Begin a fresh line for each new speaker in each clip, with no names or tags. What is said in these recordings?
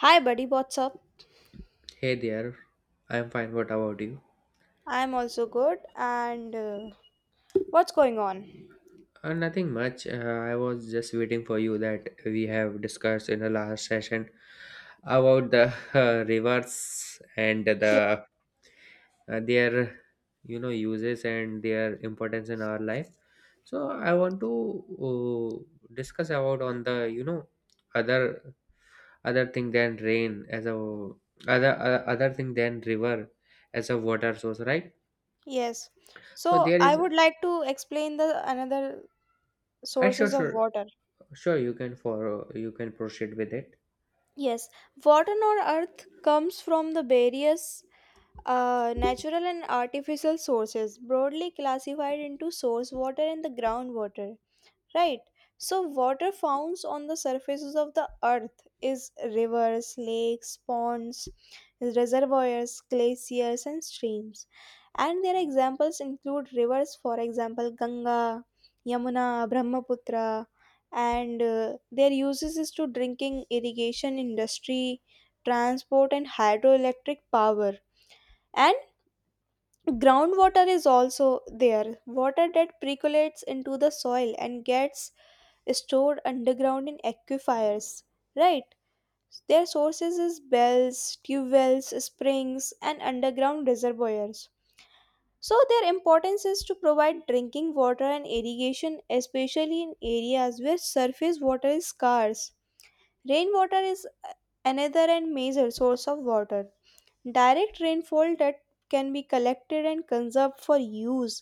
Hi, buddy, what's up?
Hey there, I'm fine. What about you?
I'm also good. And what's going on?
Nothing much. I was just waiting for you that we have discussed in the last session about the rivers and the their uses and their importance in our life. So I want to discuss about on the other other thing than rain as a other other thing than river as a water source, right?
Yes.
So
So,
there
I
is.
would like to explain the another
Uh, sure,
sources of
sure.
water.
You can proceed with it.
Yes, water on earth comes from the various natural and artificial sources, broadly classified into source water and the groundwater, right? So water found on the surfaces of the earth is rivers, lakes, ponds, reservoirs, glaciers, and streams, and their examples include rivers, for example, ganga, yamuna, brahmaputra, and their uses is to drinking, irrigation, industry, transport, and hydroelectric power. And groundwater is also there. Water that percolates into the soil and gets stored underground in aquifers, right? Their sources is bells, tube wells, springs, and underground reservoirs. So their importance is to provide drinking water and irrigation, especially in areas where surface water is scarce. Rainwater is another and major source of water. Direct rainfall that can be collected and conserved for use,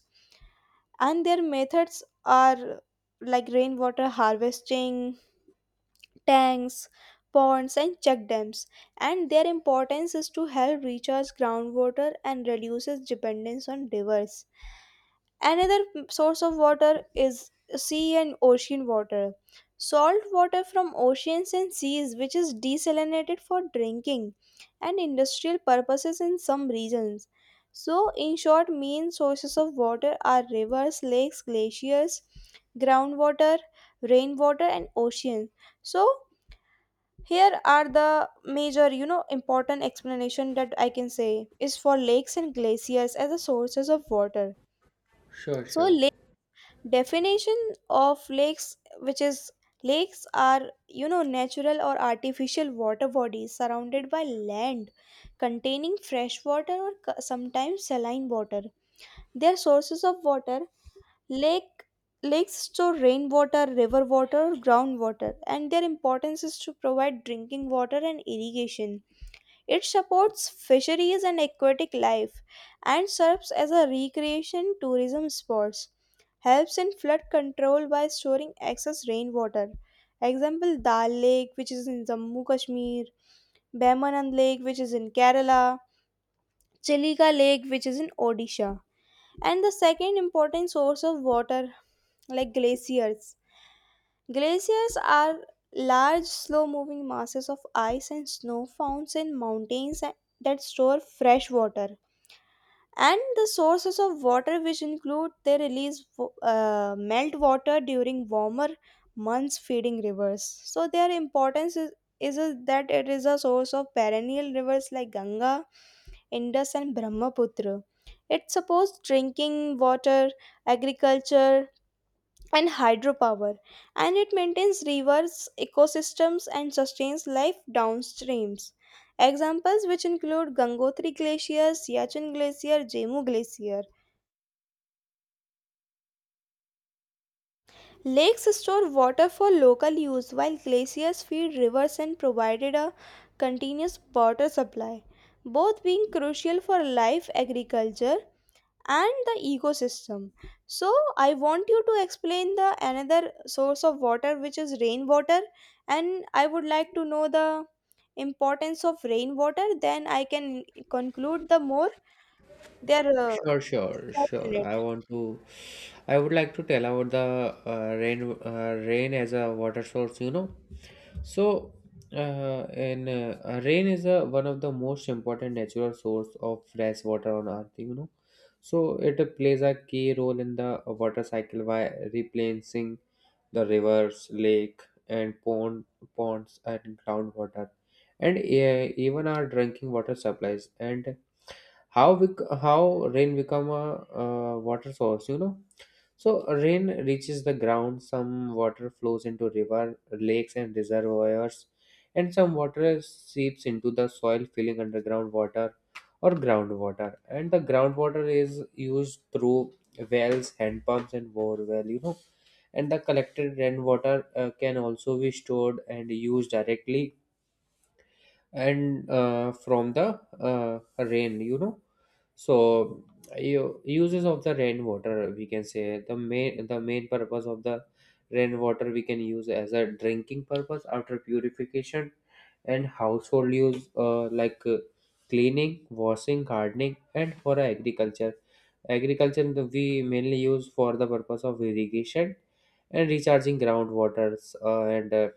and their methods are like rainwater harvesting, tanks, ponds, and check dams. And their importance is to help recharge groundwater and reduces dependence on rivers. Another source of water is sea and ocean water. Salt water from oceans and seas, which is desalinated for drinking and industrial purposes in some regions. So, in short, main sources of water are rivers, lakes, glaciers, groundwater, rainwater, and oceans. So, here are the major, you know, important explanation that I can say is for lakes and glaciers as the sources of water.
Sure,
So,
sure.
lakes, definition of lakes, which is lakes are, you know, natural or artificial water bodies surrounded by land containing fresh water or sometimes saline water. They are sources of water. lake Lakes store rainwater, river water, groundwater, and their importance is to provide drinking water and irrigation. It supports fisheries and aquatic life and serves as a recreation tourism spots, helps in flood control by storing excess rainwater. Example, Dal Lake, which is in Jammu Kashmir, Behmanand Lake, which is in Kerala, Chilika Lake, which is in Odisha. And the second important source of water, like glaciers. Glaciers are large, slow moving masses of ice and snow found in mountains that store fresh water, and the sources of water which include, they release melt water during warmer months, feeding rivers. So their importance is, that it is a source of perennial rivers like ganga, indus, and brahmaputra. It supports drinking water, agriculture, and hydropower, and it maintains rivers ecosystems and sustains life downstreams. Examples which include gangotri glacier, siachen glacier, jemu glacier. Lakes store water for local use, while glaciers feed rivers and provided a continuous water supply, both being crucial for life, agriculture, and the ecosystem. So I want you to explain the another source of water, which is rainwater, and I would like to know the importance of rainwater, then I can conclude the more their
Sure, sure,
steps in
sure.
it.
I would like to tell about the rain as a water source, you know. So, and rain is a, one of the most important natural source of fresh water on earth, you know. So it plays a key role in the water cycle by replenishing the rivers, lake, and ponds and groundwater, and even our drinking water supplies, and how we, how rain become a water source. You know, so rain reaches the ground. Some water flows into river, lakes, and reservoirs, and some water seeps into the soil, filling underground water or groundwater. And the groundwater is used through wells, hand pumps, and borewell. You know, and the collected rainwater can also be stored and used directly and from the rain, you know. So uses of the rainwater, we can say the main purpose of the rainwater we can use as a drinking purpose after purification and household use, like, cleaning, washing, gardening, and for agriculture, we mainly use for the purpose of irrigation and recharging groundwaters, and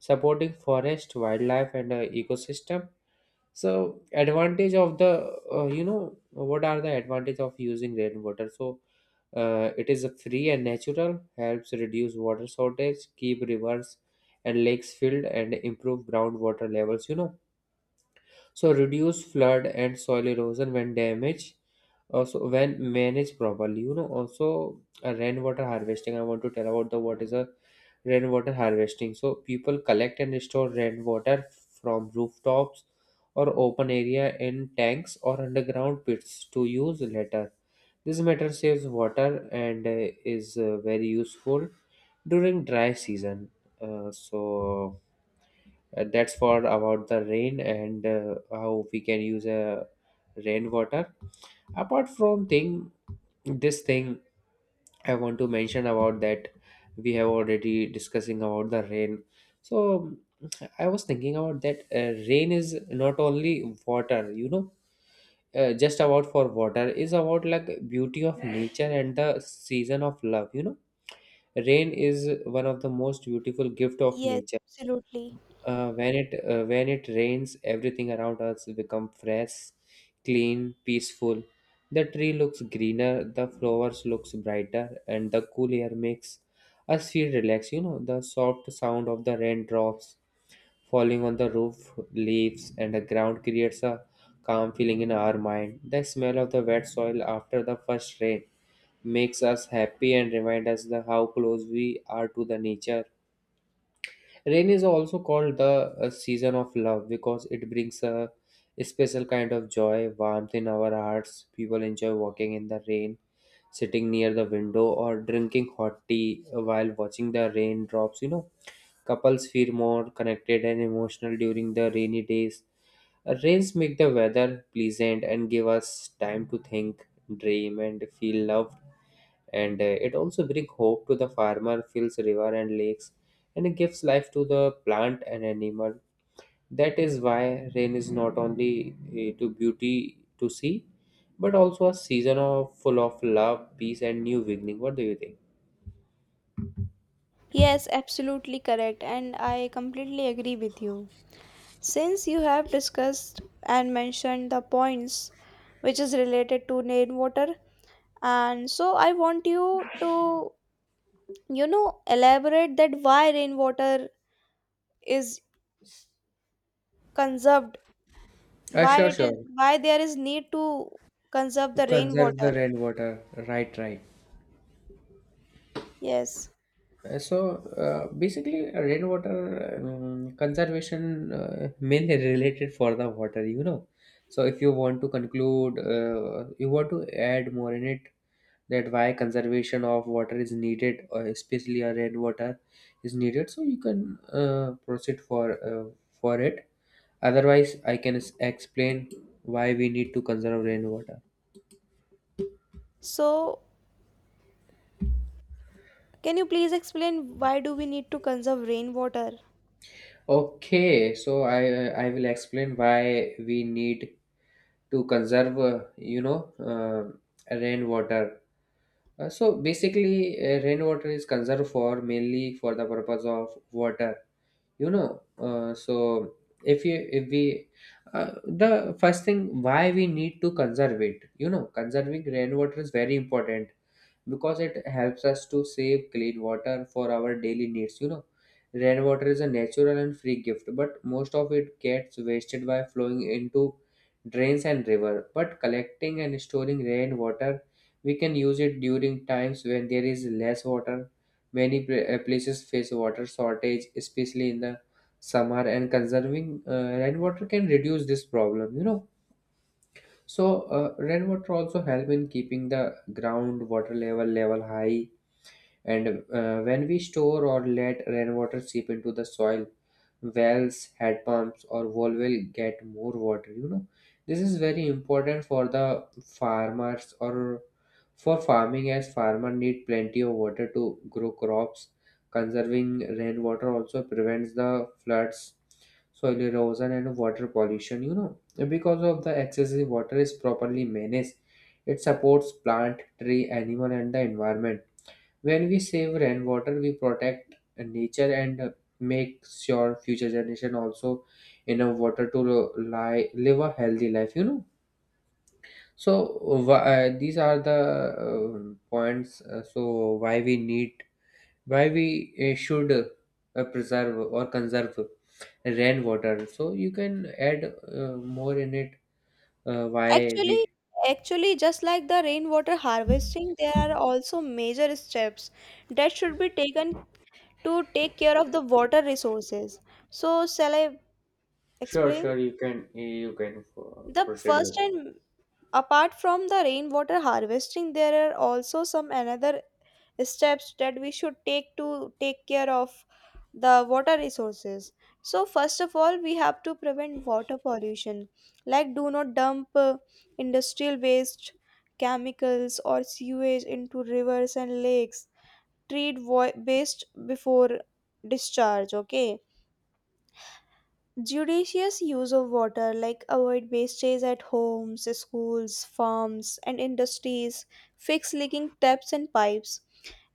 supporting forest, wildlife, and ecosystem. So advantage of the, what are the advantage of using rainwater? So it is free and natural, helps reduce water shortage, keep rivers and lakes filled, and improve groundwater levels, you know. So reduce flood and soil erosion when damage, also when managed properly. You know, also rainwater harvesting. I want to tell about the what is a rainwater harvesting. So people collect and store rainwater from rooftops or open area in tanks or underground pits to use later. This method saves water and is very useful during dry season. So that's for about the rain and how we can use rainwater. Apart from thing, this thing, I want to mention about that we have already discussing about the rain. So I was thinking about that rain is not only water, you know, just about for water is about like beauty of nature and the season of love, you know. Rain is one of the most beautiful gift of
Yes,
nature.
absolutely.
When it when it rains, everything around us become fresh, clean, peaceful. The tree looks greener, the flowers looks brighter, and the cool air makes us feel relaxed. You know, the soft sound of the raindrops falling on the roof, leaves, and the ground creates a calm feeling in our mind. The smell of the wet soil after the first rain makes us happy and remind us the how close we are to the nature. Rain is also called the season of love because it brings a special kind of joy, warmth in our hearts. People enjoy walking in the rain, sitting near the window, or drinking hot tea while watching the raindrops. You know, couples feel more connected and emotional during the rainy days. Rains make the weather pleasant and give us time to think, dream, and feel loved, and it also brings hope to the farmer, fills river and lakes, and it gives life to the plant and animal. That is why rain is not only to beauty to see, but also a season of full of love, peace, and new beginning. What do you think?
Yes, absolutely correct, and I completely agree with you. Since you have discussed and mentioned the points which is related to rainwater, and so I want you to, you know, elaborate that why rainwater is conserved, why
Sure,
it is,
sure.
why there is need to conserve the
Conserve
rainwater.
the rainwater. Right, right.
Yes.
So basically, rainwater conservation mainly related for the water, you know. So if you want to conclude, you want to add more in it that why conservation of water is needed, or especially a rainwater is needed. So you can proceed for it. Otherwise, I can explain why we need to conserve rainwater.
So, can you please explain why do we need to conserve rainwater?
Okay, so I will explain why we need to conserve, rainwater. So basically, rainwater is conserved for mainly for the purpose of water, you know. Uh, so if you if we uh, the first thing why we need to conserve it, you know, conserving rainwater is very important because it helps us to save clean water for our daily needs, you know. Rainwater is a natural and free gift, but most of it gets wasted by flowing into drains and river. But collecting and storing rainwater, we can use it during times when there is less water. Many places face water shortage, especially in the summer, and conserving rainwater can reduce this problem, you know. So rainwater also help in keeping the ground water level high, and when we store or let rainwater seep into the soil, wells, head pumps, or wall will get more water. You know, this is very important for the farmers or for farming, as farmer need plenty of water to grow crops. Conserving rainwater also prevents the floods, soil erosion, and water pollution. You know, because of the excessive water is properly managed, it supports plant, tree, animal, and the environment. When we save rainwater, we protect nature and make sure future generation also enough water to live a healthy life. You know. So these are the points. Why we need, why we should preserve or conserve rainwater. So you can add more in it. Why
actually
we?
actually just like the rainwater harvesting, there are also major steps that should be taken to take care of the water resources. So shall I
Sure,
explain
sure. You can, you can
the
proceed
first,
with
and apart from the rainwater harvesting, there are also some another steps that we should take to take care of the water resources. So first of all, we have to prevent water pollution, like do not dump industrial waste, chemicals, or sewage into rivers and lakes. Treat waste before discharge. Okay, judicious use of water, like avoid wastages at homes, schools, farms, and industries, fix leaking taps and pipes,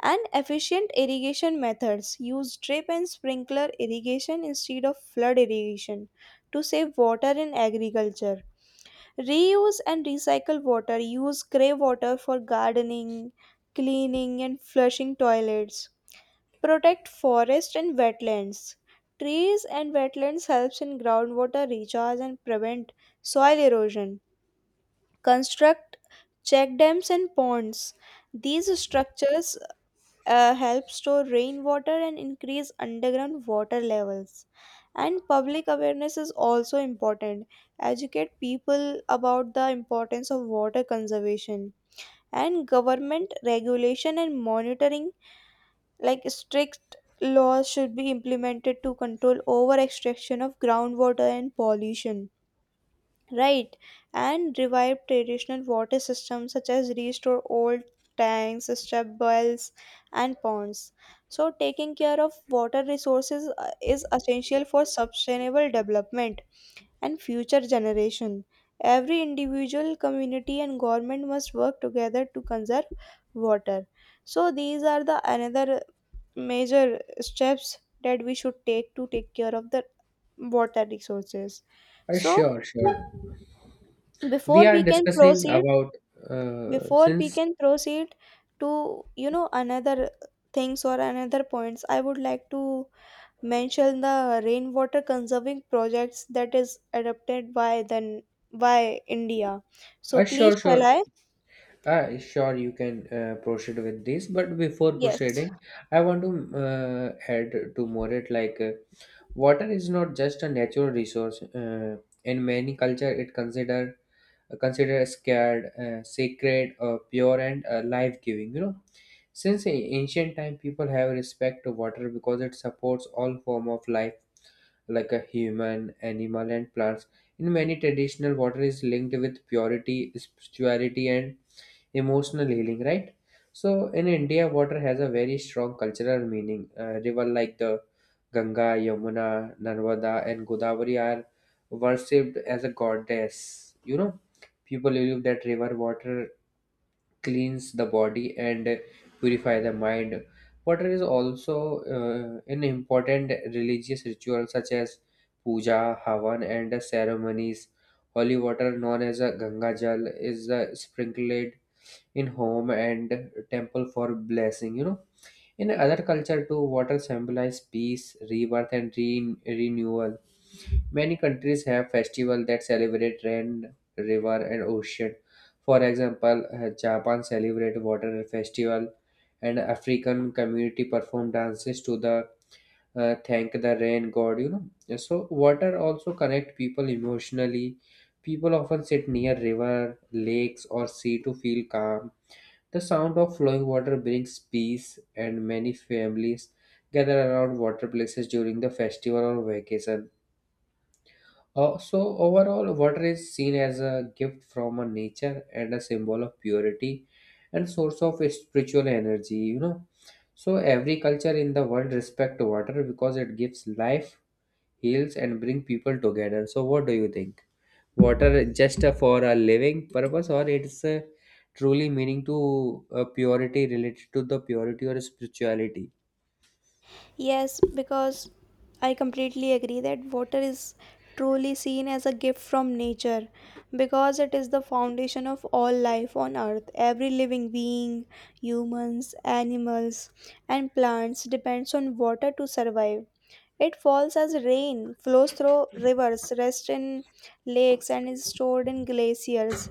and efficient irrigation methods. Use drip and sprinkler irrigation instead of flood irrigation to save water in agriculture. Reuse and recycle water. Use grey water for gardening, cleaning, and flushing toilets. Protect forest and wetlands. Trees and wetlands helps in groundwater recharge and prevent soil erosion. Construct check dams and ponds. These structures help store rainwater and increase underground water levels. And public awareness is also important. Educate people about the importance of water conservation. And government regulation and monitoring, like strict laws should be implemented to control over extraction of groundwater and pollution, right? And revive traditional water systems, such as restore old tanks, step wells, and ponds. So taking care of water resources is essential for sustainable development and future generation. Every individual, community, and government must work together to conserve water. So these are the another major steps that we should take to take care of the water resources.
it.
So
Sure, sure. we
before
are
we can
discussing
proceed
about
before we
since
can proceed to, you know, another things or another points, I would like to mention the rainwater conserving projects that is adopted by the by india. So please,
sure
shall
sure
I?
Sure, you can proceed with this, but before
Yes.
proceeding, I want to add to more it, like water is not just a natural resource. In many culture, it considered scared sacred, pure, and life-giving, you know. Since ancient time, people have respect to water because it supports all form of life like a human, animal, and plants. In many traditional, water is linked with purity, spirituality, and emotional healing. Right. So in India, water has a very strong cultural meaning. River like the Ganga, Yamuna, Narmada, and Godavari are worshipped as a goddess. You know, people believe that river water cleans the body and purify the mind. Water is also in important religious ritual, such as puja, havan, and ceremonies. Holy water, known as a Ganga Jal, is sprinkled in home and temple for blessing. You know, in other culture too, water symbolizes peace, rebirth, and renewal. Many countries have festivals that celebrate rain, river, and ocean. For example, Japan celebrate water festival, and African community perform dances to the, thank the rain god. You know, so water also connect people emotionally. People often sit near river, lakes, or sea to feel calm. The sound of flowing water brings peace, and many families gather around water places during the festival or vacation. So, overall, water is seen as a gift from a nature and a symbol of purity and source of spiritual energy, you know. So, every culture in the world respect water because it gives life, heals, and bring people together. So, what do you think? Water just for a living purpose, or it's truly meaning to purity related to the purity or spirituality?
Yes, because I completely agree that water is truly seen as a gift from nature because it is the foundation of all life on earth. Every living being, humans, animals, and plants depends on water to survive. It falls as rain, flows through rivers, rests in lakes, and is stored in glaciers,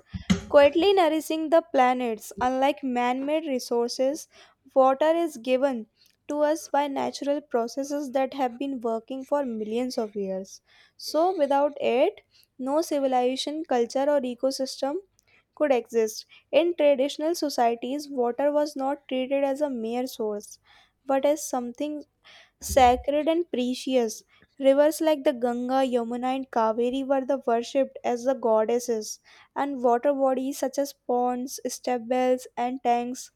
quietly nourishing the planets. Unlike man made resources, water is given to us by natural processes that have been working for millions of years. So, without it, no civilization, culture, or ecosystem could exist. In traditional societies, water was not treated as a mere source, but as something sacred and precious. Rivers like the Ganga, Yamuna, and Kaveri were the worshipped as the goddesses, and water bodies such as ponds, step wells, and tanks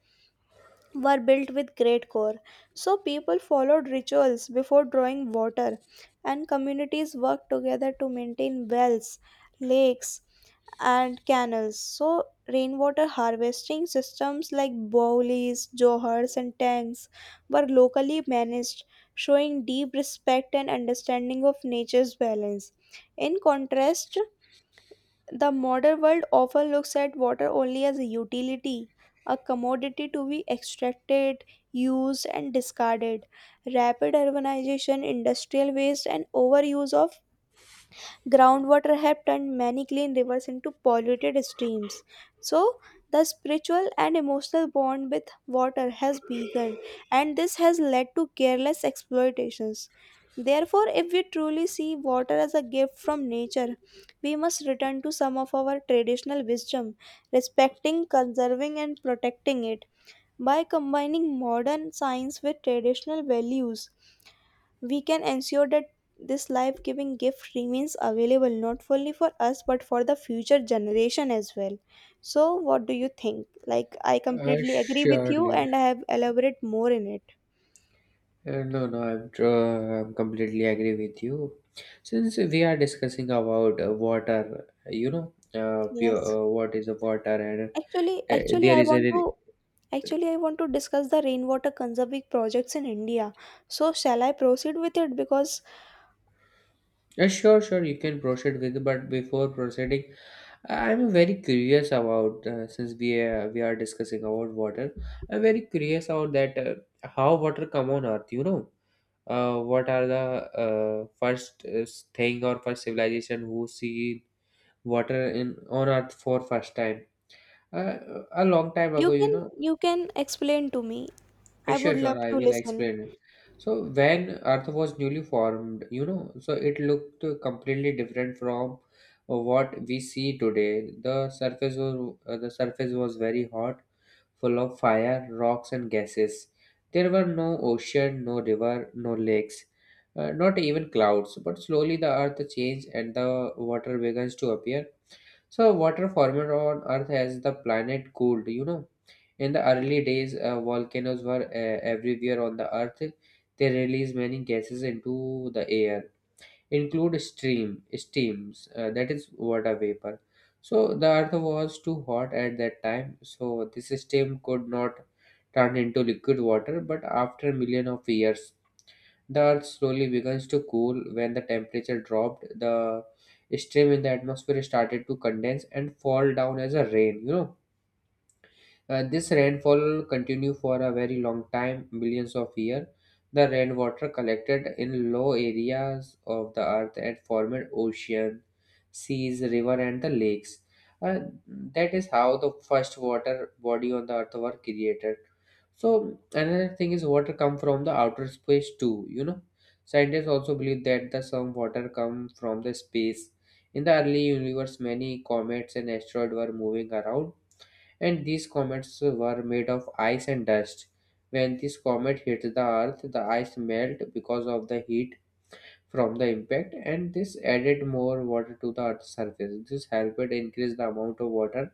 were built with great care. So people followed rituals before drawing water, and communities worked together to maintain wells, lakes, and canals. So, rainwater harvesting systems like bowlies, johars, and tanks were locally managed, showing deep respect and understanding of nature's balance. In contrast, the modern world often looks at water only as a utility, a commodity to be extracted, used, and discarded. Rapid urbanization, industrial waste, and overuse of groundwater have turned many clean rivers into polluted streams. So, the spiritual and emotional bond with water has weakened, and this has led to careless exploitations. Therefore, if we truly see water as a gift from nature, we must return to some of our traditional wisdom, respecting, conserving, and protecting it. By combining modern science with traditional values, we can ensure that this life giving gift remains available not only for us but for the future generation as well. So, what do you think? Like, I completely agree with you,
Surely.
and I have elaborate more in it.
No no I'm, tr- I'm completely agree with you. Since we are discussing about water, you know, pure
Yes.
what is a water, and
Actually,
uh,
actually,
there
I
is a
want
re-
to, actually I want to discuss the rainwater conserving projects in India. So, shall I proceed with it? Because
Sure, sure, you can proceed with. But before proceeding, I'm very curious about, since we are discussing about water. I'm very curious about that how water come on Earth. You know, what are the first thing or first civilization who see water in on Earth for first time? A long time
you
ago, you
can,
know,
you can explain to me. I would
Sure, sure.
love
I
to
will
listen.
explain it. So when Earth was newly formed, you know, so it looked completely different from what we see today. The surface was very hot, full of fire, rocks, and gases. There were no ocean, no river, no lakes, not even clouds. But slowly the Earth changed, and the water begins to appear. So, water formed on Earth as the planet cooled, you know. In the early days, volcanoes were everywhere on the Earth. They released many gases into the air, include steam, that is water vapor. So, the Earth was too hot at that time, so this steam could not turn into liquid water. But after million of years, the Earth slowly begins to cool when the temperature dropped. The steam in the atmosphere started to condense and fall down as a rain. This rainfall continue for a very long time, millions of years. The rainwater collected in low areas of the earth and formed ocean, seas, river, and the lakes. Uh, that is how the first water body on the earth were created. So another thing is water come from the outer space too. You know, scientists also believe that the some water come from the space. In the early universe, many comets and asteroids were moving around, and these comets were made of ice and dust. When this comet hit the Earth, the ice melted because of the heat from the impact, and this added more water to the Earth's surface. This helped increase the amount of water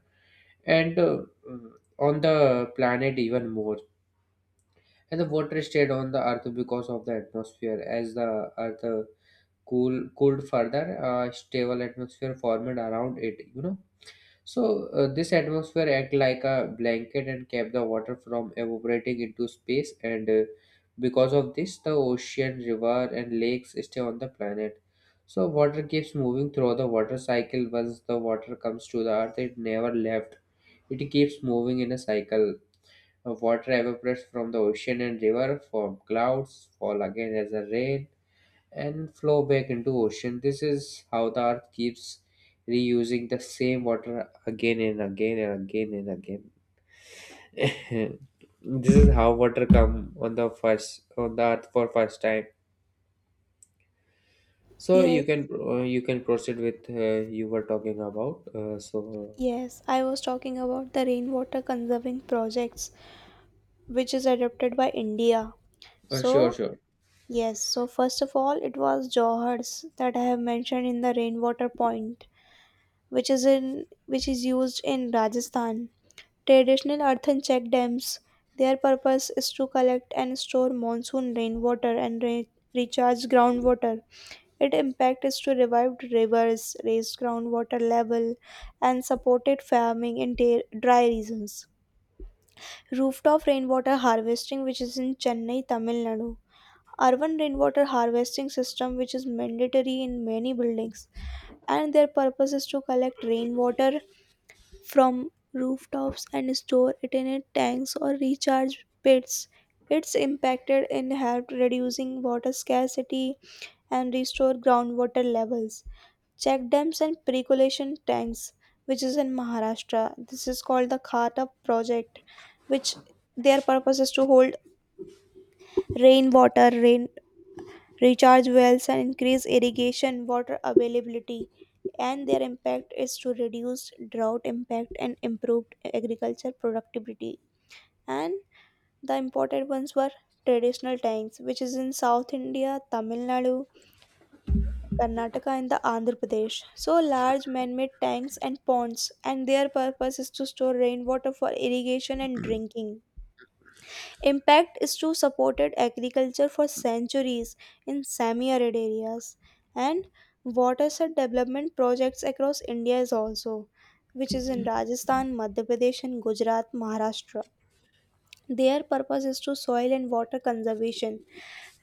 and on the planet even more. And the water stayed on the Earth because of the atmosphere. As the Earth cool cooled further, a stable atmosphere formed around it. This atmosphere act like a blanket and kept the water from evaporating into space, and because of this the ocean, river and lakes stay on the planet. So water keeps moving through the water cycle. Once the water comes to the earth, it never left. It keeps moving in a cycle. Water evaporates from the ocean and river, form clouds, fall again as a rain, and flow back into ocean. This is how the earth keeps reusing the same water again and again and again and again. This is how water come on the first on the earth for first time. So
Yes,
you can proceed with you were talking about.
yes. I was talking about the rainwater conserving projects, which is adopted by India.
Sure
So,
sure.
yes, so first of all, it was Johar's that I have mentioned in the rainwater point, which is in, which is used in Rajasthan. Traditional earthen check dams, their purpose is to collect and store monsoon rainwater and recharge groundwater. Its impact is to revive rivers, raise groundwater level, and supported farming in dry regions. Rooftop rainwater harvesting, which is in Chennai, Tamil Nadu. Urban rainwater harvesting system, which is mandatory in many buildings, and their purpose is to collect rainwater from rooftops and store it in a tanks or recharge pits. It's impacted in helped reducing water scarcity and restore groundwater levels. Check dams and percolation tanks, which is in Maharashtra. This is called the Khata project, which, their purpose is to hold rainwater, rain, recharge wells, and increase irrigation water availability, and their impact is to reduce drought impact and improved agriculture productivity. And the important ones were traditional tanks, which is in South India, Tamil Nadu, Karnataka, and the Andhra Pradesh. So large man-made tanks and ponds, and their purpose is to store rainwater for irrigation and drinking. Impact is to supported agriculture for centuries in semi-arid areas. And watershed development projects across India is also, which is in Rajasthan, Madhya Pradesh and Gujarat, Maharashtra. Their purpose is to soil and water conservation,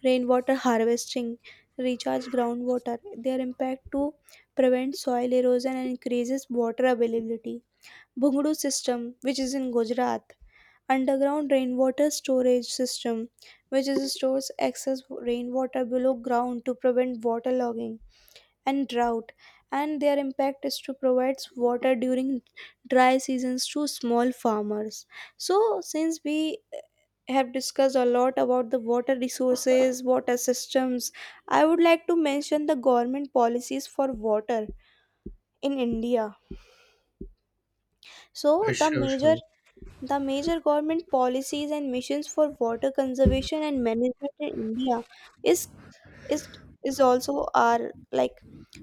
rainwater harvesting, recharge groundwater. Their impact to prevent soil erosion and increases water availability. Bhungdu system, which is in Gujarat. Underground rainwater storage system, which is stores excess rainwater below ground to prevent waterlogging and drought, and their impact is to provide water during dry seasons to small farmers. So, since we have discussed a lot about the water resources, water systems, I would like to mention the government policies for water in India. So the major government policies and missions for water conservation and management in India is is is also our like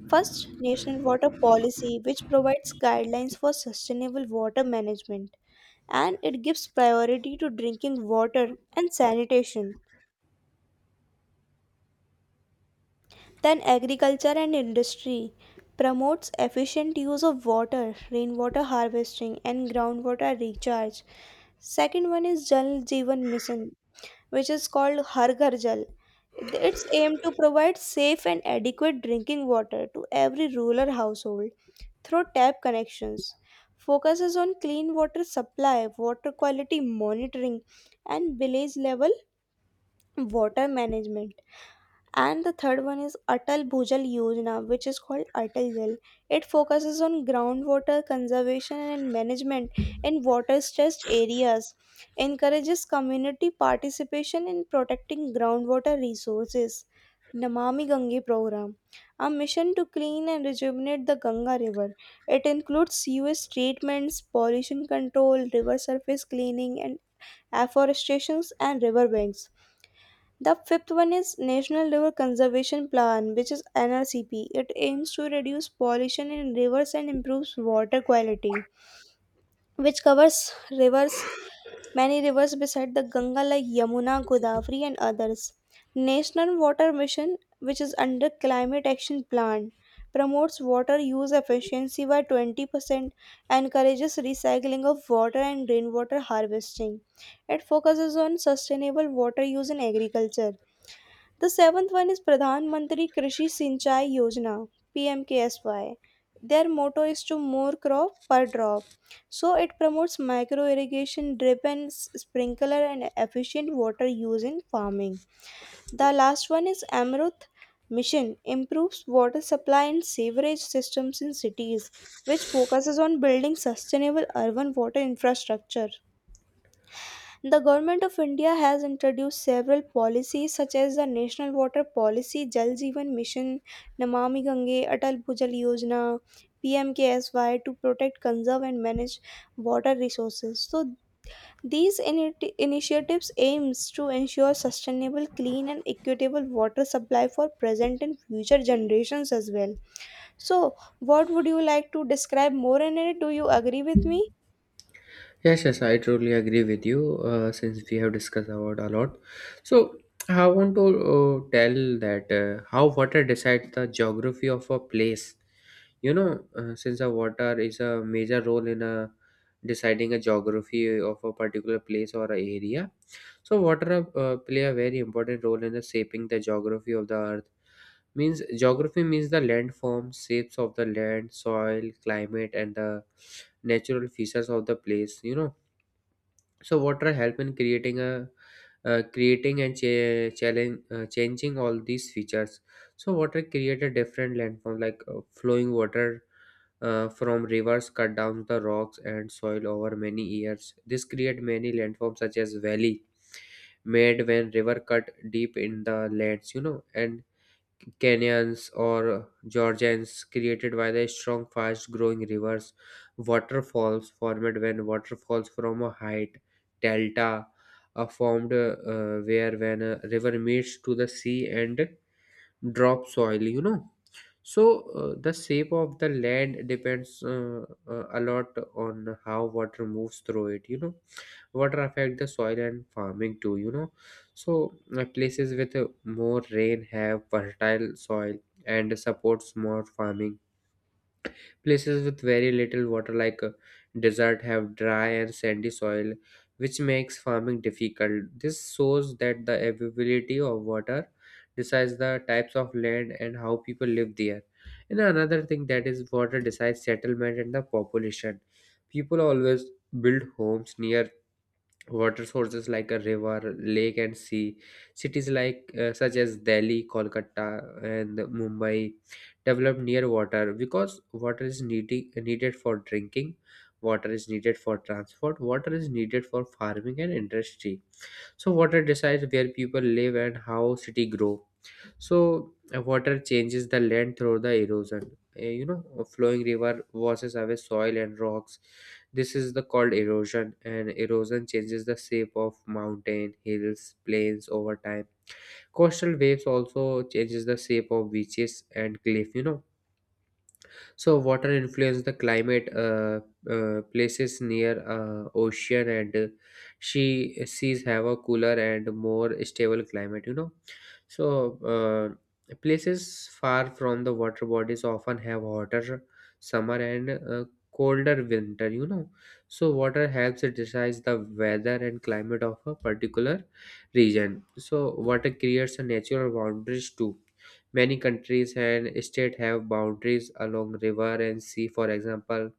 first national water policy, which provides guidelines for sustainable water management, and it gives priority to drinking water and sanitation, then agriculture and industry. Promotes efficient use of water, rainwater harvesting, and groundwater recharge. Second one is Jal Jeevan Mission, which is called Har Ghar Jal. It's aimed to provide safe and adequate drinking water to every rural household through tap connections. Focuses on clean water supply, water quality monitoring, and village level water management. And the third one is Atal Bhujal Yojana, which is called Atal Jal. It focuses on groundwater conservation and management in water-stressed areas, encourages community participation in protecting groundwater resources. Namami Gange program, a mission to clean and rejuvenate the Ganga River. It includes sewage treatments, pollution control, river surface cleaning, and afforestations and riverbanks. The fifth one is National River Conservation Plan, which is NRCP. It aims to reduce pollution in rivers and improves water quality, which covers rivers, many rivers beside the Ganga like Yamuna, Godavari, and others. National Water Mission, which is under Climate Action Plan, promotes water use efficiency by 20%, encourages recycling of water and rainwater harvesting. It focuses on sustainable water use in agriculture. The seventh one is Pradhan Mantri Krishi Sinchai Yojana (PMKSY). Their motto is to more crop per drop. So it promotes micro irrigation, drip and sprinkler, and efficient water use in farming. The last one is Amrut Mission, improves water supply and sewerage systems in cities, which focuses on building sustainable urban water infrastructure. The government of India has introduced several policies such as the National Water Policy, Jal Jeevan Mission, Namami Gange, Atal Bhujal Yojana, PMKSY to protect, conserve and manage water resources. So these initiatives aims to ensure sustainable, clean and equitable water supply for present and future generations as well. So what would you like to describe more in it? Do you agree with me?
Yes, yes, I truly agree with you. Since we have discussed about a lot, so I want to tell that how water decides the geography of a place. You know, since the water is a major role in a deciding a geography of a particular place or a area, so water play a very important role in the shaping the geography of the earth. Means geography means the landforms, shapes of the land, soil, climate, and the natural features of the place. Water help in creating a creating and cha- challenge changing all these features. So water create a different landform like flowing water from rivers cut down the rocks and soil over many years. This create many landforms such as valley, made when river cut deep in the lands, and canyons or georgians created by the strong fast growing rivers, waterfalls formed when waterfalls from a height, delta are formed where when a river meets to the sea and drop soil so the shape of the land depends a lot on how water moves through it. Water affect the soil and farming too. Places with more rain have fertile soil and supports more farming. Places with very little water like desert have dry and sandy soil, which makes farming difficult. This shows that the availability of water decides the types of land and how people live there. And another thing that is water decides settlement and the population. People always build homes near water sources like a river, lake, and sea. Cities like such as Delhi, Kolkata, and Mumbai developed near water because water is needed for drinking, water is needed for transport, water is needed for farming and industry. So water decides where people live and how city grow. So water changes the land through the erosion. You know, a flowing river washes away soil and rocks. This is the called erosion, and erosion changes the shape of mountain, hills, plains over time. Coastal waves also changes the shape of beaches and cliff. So water influences the climate. Places near ocean and she sees have a cooler and more stable climate so Places far from the water bodies often have hotter summer and colder winter. Water helps decide the weather and climate of a particular region. So water creates a natural boundaries too. Many countries and states have boundaries along river and sea. For example,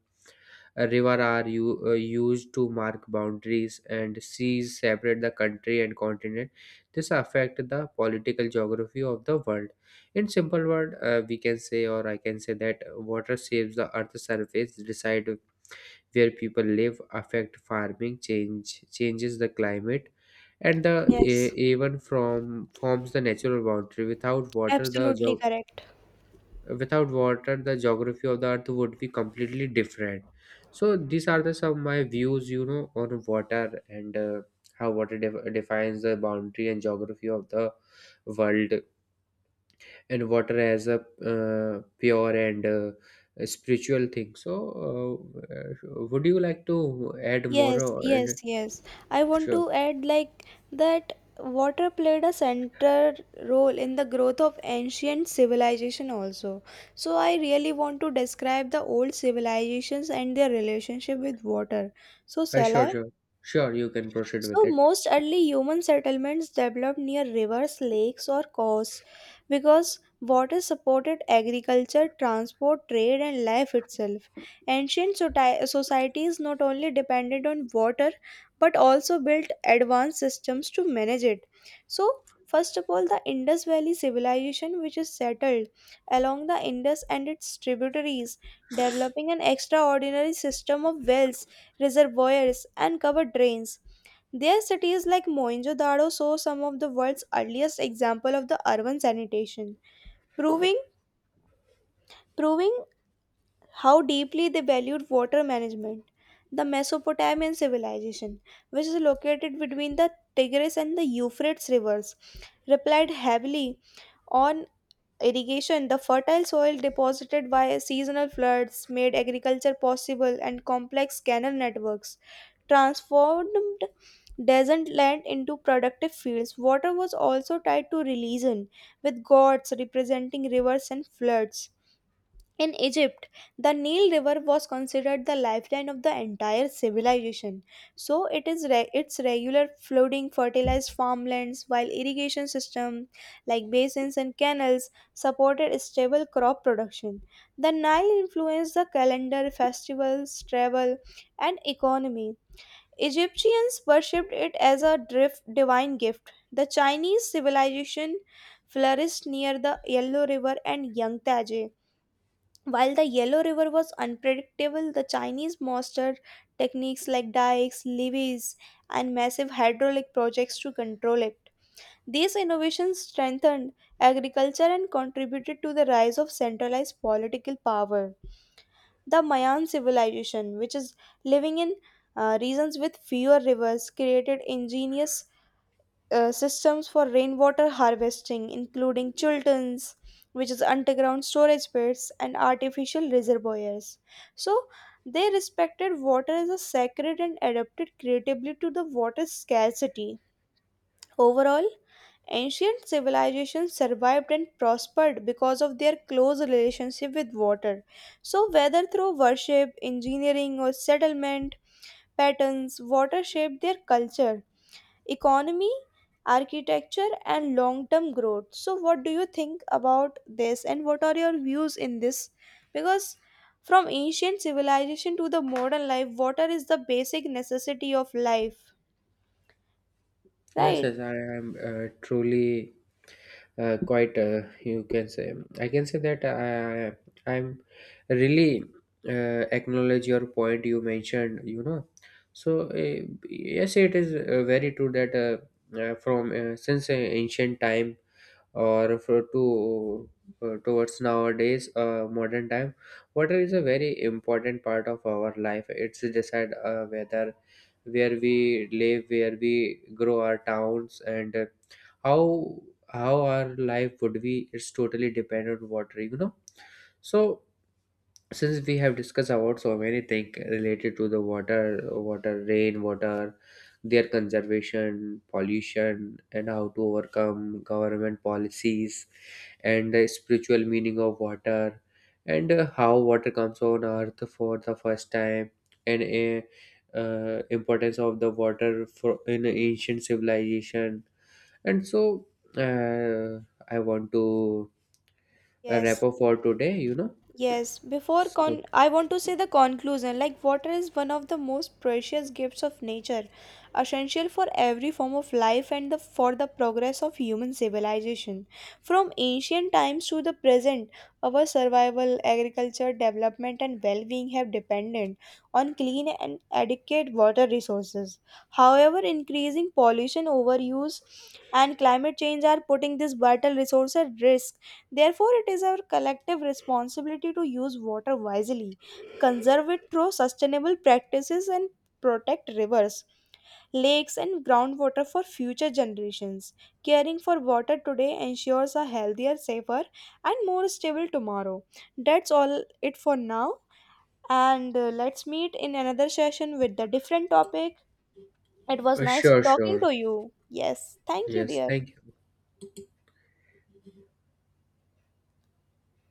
a river are used to mark boundaries, and seas separate the country and continent. This affect the political geography of the world. In simple word, we can say, or I can say that water shapes the Earth's surface, decide where people live, affect farming, changes the climate, and the
Yes,
even from forms the natural boundary.
absolutely correct.
Without water, the geography of the earth would be completely different. So these are the some of my views on water and how water defines the boundary and geography of the world, and water as a pure and a spiritual thing. So would you like to add more
Yes,
and
yes, yes. I want
sure
to add like that water played a central role in the growth of ancient civilization also. So I really want to describe the old civilizations and their relationship with water. So
uh,
shall I?
sure sure sure, you can proceed with
So,
it.
most early human settlements developed near rivers, lakes, or coasts because water supported agriculture, transport, trade, and life itself. Ancient societies not only depended on water but also built advanced systems to manage it. So, first of all, the Indus Valley civilization, which is settled along the Indus and its tributaries, developing an extraordinary system of wells, reservoirs, and covered drains. Their cities like Mohenjo-daro saw some of the world's earliest example of the urban sanitation, proving proving how deeply they valued water management. The Mesopotamian civilization, which is located between the Tigris and the Euphrates rivers, relied heavily on irrigation. The fertile soil deposited by seasonal floods made agriculture possible, and complex canal networks transformed desert land into productive fields. Water was also tied to religion, with gods representing rivers and floods. In Egypt, the Nile River was considered the lifeline of the entire civilization. So its regular flooding fertilized farmlands, while irrigation systems like basins and canals supported stable crop production. The Nile influenced the calendar, festivals, travel, and economy. Egyptians worshipped it as a divine gift. The Chinese civilization flourished near the Yellow River and Yangtze. While the Yellow River was unpredictable, the Chinese mastered techniques like dikes, levees, and massive hydraulic projects to control it. These innovations strengthened agriculture and contributed to the rise of centralized political power. The Mayan civilization, which is living in regions with fewer rivers, created ingenious systems for rainwater harvesting, including chulterns, which is underground storage pits, and artificial reservoirs. So, they respected water as a sacred and adapted creatively to the water scarcity. Overall, ancient civilizations survived and prospered because of their close relationship with water. So, whether through worship, engineering, or settlement patterns, water shaped their culture, economy, architecture, and long term growth. So, what do you think about this, and what are your views in this? Because from ancient civilization to the modern life, water is the basic necessity of life,
Yes,
right?
yes, I am truly quite. You can say, I can say that I'm really acknowledge your point you mentioned. So uh, yes, it is very true that from since ancient time or for to towards nowadays modern time, water is a very important part of our life. It's decide whether where we live, where we grow our towns, and how how our life would be. It's totally dependent on water so since we have discussed about so many things related to the water, water, rain water, their conservation, pollution, and how to overcome, government policies, and the spiritual meaning of water, and how water comes on earth for the first time, and importance of the water for in ancient civilization, and so uh, I want to
Yes.
wrap up for today
Yes, before
so
con I want to say the conclusion like water is one of the most precious gifts of nature, essential for every form of life and the for the progress of human civilization. From ancient times to the present, our survival, agriculture, development and well-being have depended on clean and adequate water resources. However, increasing pollution, overuse and climate change are putting this vital resource at risk. Therefore, it is our collective responsibility to use water wisely, conserve it through sustainable practices, and protect rivers, lakes, and groundwater for future generations. Caring for water today ensures a healthier, safer, and more stable tomorrow. That's all it for now. And let's meet in another session with a different topic. It was nice
sure
talking
sure
to you. Yes, thank you,
Yes,
dear.
thank you.